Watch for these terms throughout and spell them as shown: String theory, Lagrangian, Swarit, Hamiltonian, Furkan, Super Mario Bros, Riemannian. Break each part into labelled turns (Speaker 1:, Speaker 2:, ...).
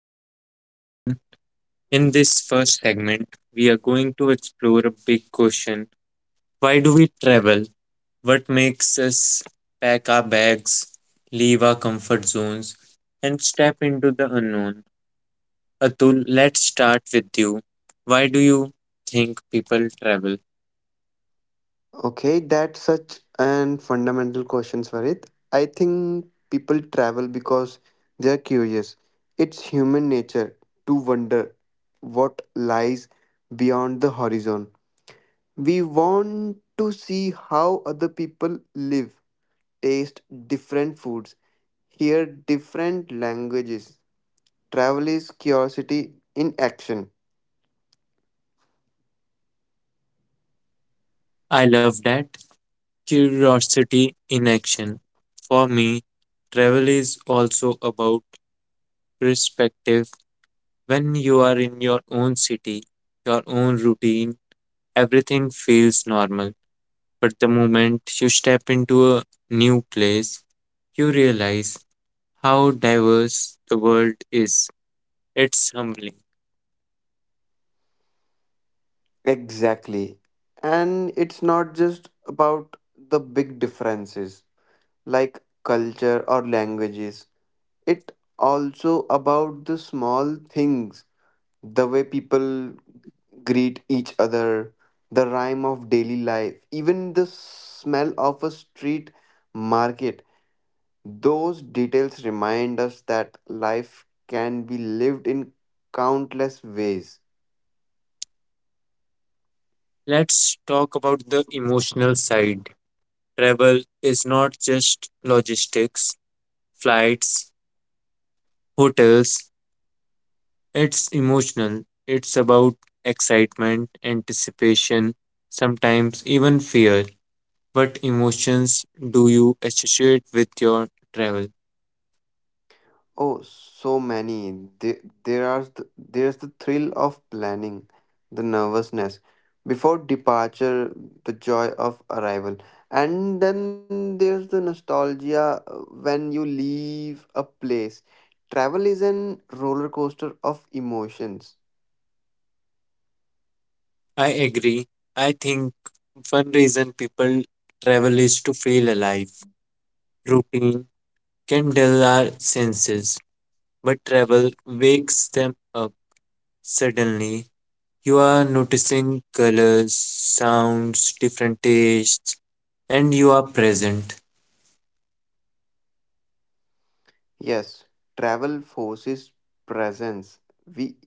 Speaker 1: back, everyone. In this first segment, we are going to explore a big question. Why do we travel? What makes us pack our bags, leave our comfort zones, and step into the unknown? Atul, let's start with you. Why do you think people travel?
Speaker 2: Okay, that's such an fundamental question, Swarit. I think people travel because they're curious. It's human nature to wonder what lies beyond the horizon. We want to see how other people live, taste different foods, hear different languages. Travel is curiosity in action.
Speaker 1: I love that. Curiosity in action. For me, travel is also about perspective. When you are in your own city, your own routine, everything feels normal. But the moment you step into a new place, you realize how diverse the world is. It's humbling.
Speaker 2: Exactly. And it's not just about the big differences like culture or languages. It also about the small things, the way people greet each other, the rhyme of daily life, even the smell of a street market. Those details remind us that life can be lived in countless ways.
Speaker 1: Let's talk about the emotional side. Travel is not just logistics, flights, hotels, it's emotional. It's about excitement, anticipation, sometimes even fear. What emotions do you associate with your travel?
Speaker 2: Oh, so many. There's the thrill of planning, the nervousness before departure, the joy of arrival, and then there's the nostalgia when you leave a place. Travel is an roller coaster of emotions.
Speaker 1: I agree. I think one reason people travel is to feel alive. Routine can dull our senses, but travel wakes them up suddenly. You are noticing colors, sounds, different tastes, and you are present.
Speaker 2: Yes, travel forces presence. We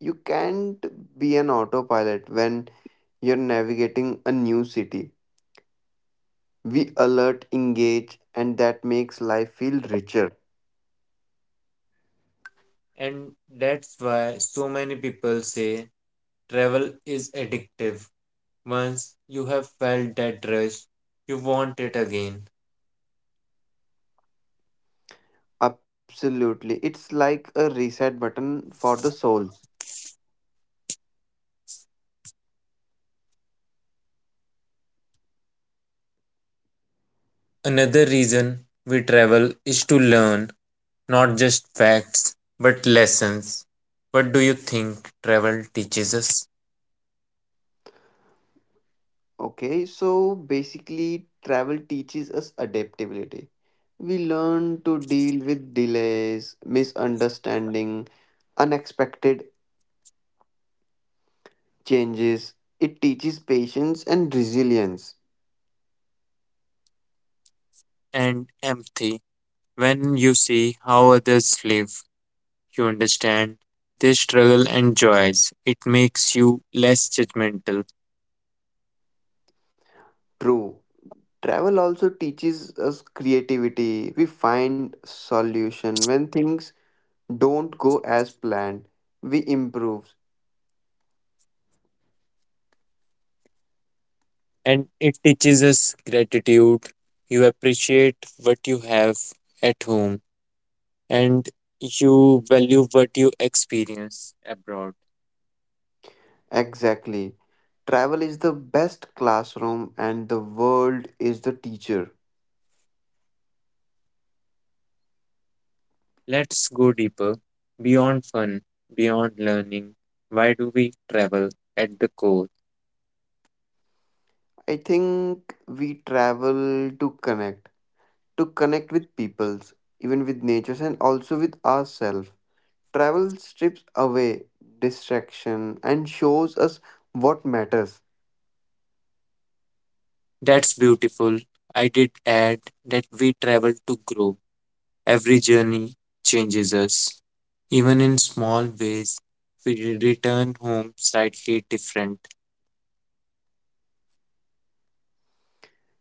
Speaker 2: you can't be an autopilot when you're navigating a new city. We alert, engage, and that makes life feel richer.
Speaker 1: And that's why so many people say travel is addictive. Once you have felt that rush, you want it again.
Speaker 2: Absolutely. It's like a reset button for the souls.
Speaker 1: Another reason we travel is to learn, not just facts but lessons. What do you think travel teaches us?
Speaker 2: Okay, so basically, travel teaches us adaptability. We learn to deal with delays, misunderstanding, unexpected changes. It teaches patience and resilience.
Speaker 1: And empathy. When you see how others live, you understand their struggle and joys. It makes you less judgmental,
Speaker 2: True. Travel also teaches us creativity. We find solution when things don't go as planned. We improve.
Speaker 1: and it teaches us gratitude. You appreciate what you have at home, and you value what you experience abroad.
Speaker 2: Exactly. Travel is the best classroom and the world is the teacher.
Speaker 1: Let's go deeper, beyond fun, beyond learning. Why do we travel at the core?
Speaker 2: I think we travel to connect with peoples, even with natures and also with ourselves. Travel strips away distraction and shows us what matters.
Speaker 1: That's beautiful. I did add that we travel to grow. Every journey changes us. Even in small ways, we return home slightly different.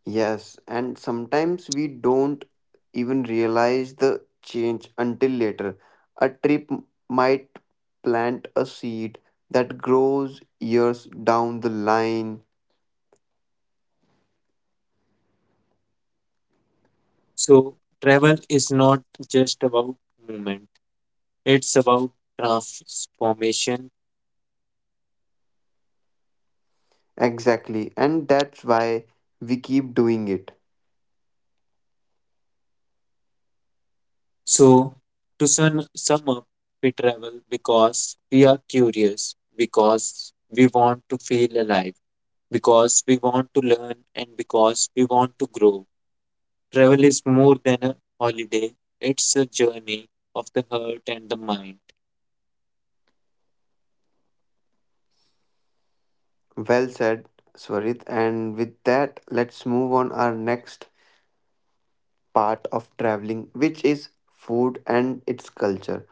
Speaker 2: Yes, and sometimes we don't even realize the change until later. A trip might plant a seed that grows years down the line.
Speaker 1: So, travel is not just about movement, it's about transformation.
Speaker 2: Exactly, and that's why we keep doing it.
Speaker 1: So, to sum up, we travel because we are curious, because we want to feel alive, because we want to learn, and because we want to grow. Travel is more than a holiday, it's a journey of the heart and the mind.
Speaker 2: Well said, Swarit. And with that, let's move on our next part of traveling, which is food and its culture.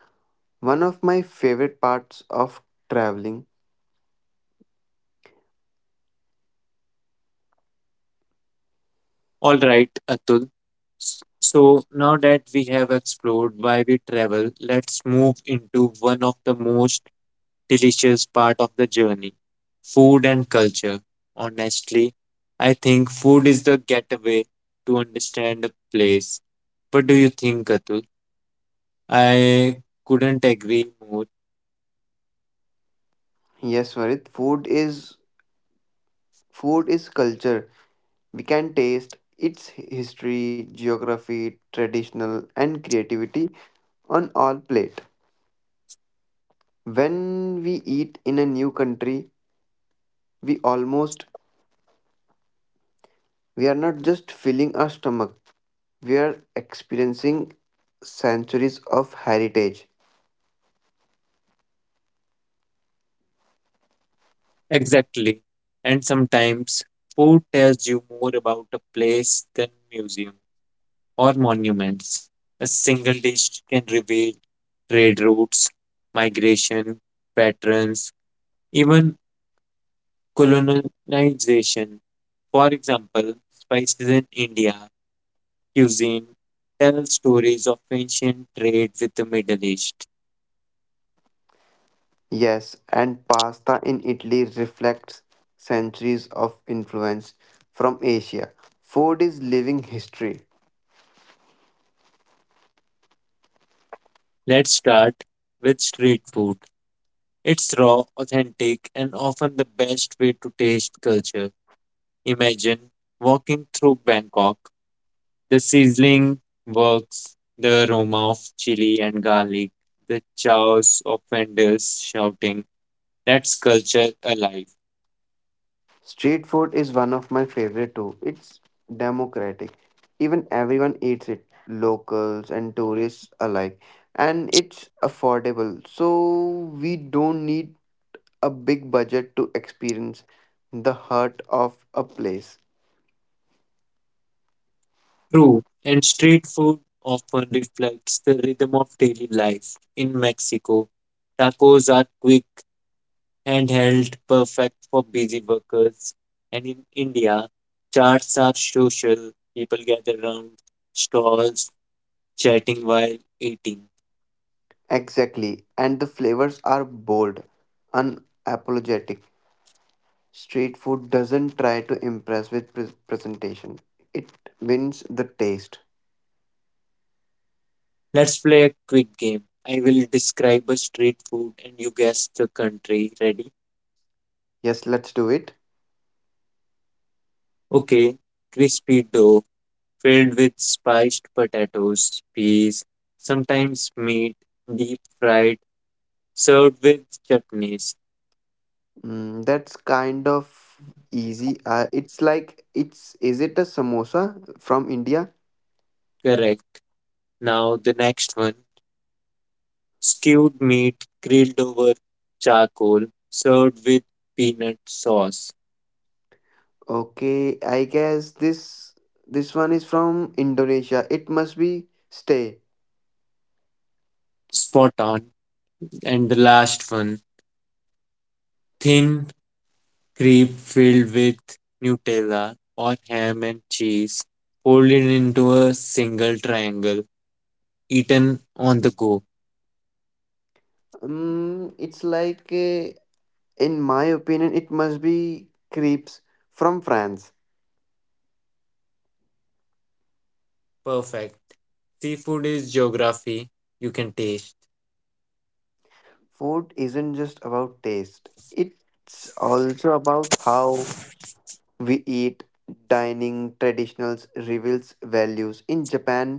Speaker 2: One of my favorite parts of traveling.
Speaker 1: All right, Atul. S- So now that we have explored why we travel, let's move into one of the most delicious part of the journey, food and culture. Honestly, I think food is the getaway to understand a place. What do you think, Atul? I couldn't agree more.
Speaker 2: Yes, Swarit. Food is culture. We can taste its history, geography, traditional and creativity on our plate. When we eat in a new country, we almost we are not just filling our stomach. We are experiencing centuries of heritage.
Speaker 1: Exactly. And sometimes food tells you more about a place than museums or monuments. A single dish can reveal trade routes, migration patterns, even colonization. For example, spices in India cuisine tell stories of ancient trade with the Middle East.
Speaker 2: Yes, and pasta in Italy reflects centuries of influence from Asia. Food is living history.
Speaker 1: Let's start with street food. It's raw, authentic, and often the best way to taste culture. Imagine walking through Bangkok. The sizzling works, the aroma of chili and garlic, the chows of vendors shouting. That's culture alive.
Speaker 2: Street food is one of my favorite too. It's democratic. Even everyone eats it, locals and tourists alike. And it's affordable. So we don't need a big budget to experience the heart of a place.
Speaker 1: True. And street food often reflects the rhythm of daily life. In Mexico, tacos are quick, handheld, perfect for busy workers. And in India, charts are social. People gather around stalls, chatting while eating.
Speaker 2: Exactly. And the flavors are bold, unapologetic. Street food doesn't try to impress with presentation. It wins the taste.
Speaker 1: Let's play a quick game. I will describe a street food and you guess the country. Ready?
Speaker 2: Yes, let's do it.
Speaker 1: Okay. Crispy dough filled with spiced potatoes, peas, sometimes meat, deep fried, served with chutneys.
Speaker 2: Mm, that's kind of easy. It's like it's is it a samosa from India?
Speaker 1: Correct. Now the next one. Stewed meat grilled over charcoal, served with peanut sauce.
Speaker 2: Okay, I guess this one is from Indonesia. It must be stay.
Speaker 1: Spot on. And the last one. Thin crepe filled with Nutella or ham and cheese, folded into a single triangle, eaten on the go.
Speaker 2: It's like in my opinion, it must be crepes from France.
Speaker 1: Perfect. Seafood is geography you can taste.
Speaker 2: Food isn't just about taste. It's also about how We eat dining traditionals reveals values. In Japan,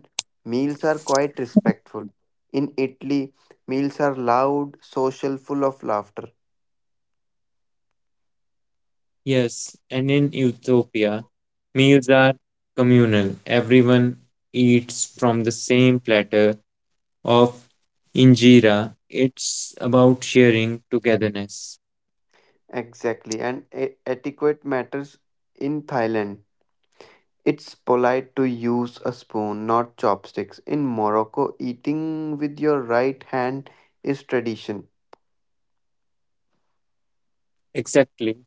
Speaker 2: meals are quite respectful. In Italy, meals are loud, social, full of laughter.
Speaker 1: Yes, and in Ethiopia, meals are communal. Everyone eats from the same platter of injera. It's about sharing togetherness.
Speaker 2: Exactly, and etiquette matters in Thailand. It's polite to use a spoon, not chopsticks. In Morocco, eating with your right hand is tradition.
Speaker 1: Exactly.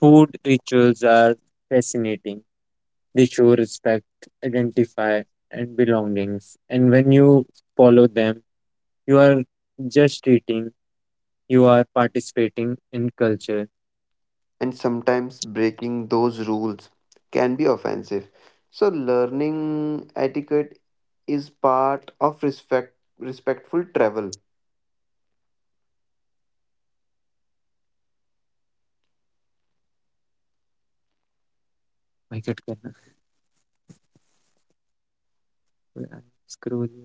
Speaker 1: Food rituals are fascinating. They show respect, identify, and belongings. And when you follow them, you are just treating, you are participating in culture.
Speaker 2: And sometimes breaking those rules can be offensive. So, learning etiquette is part of respectful travel.
Speaker 1: My God, करना है? Scroll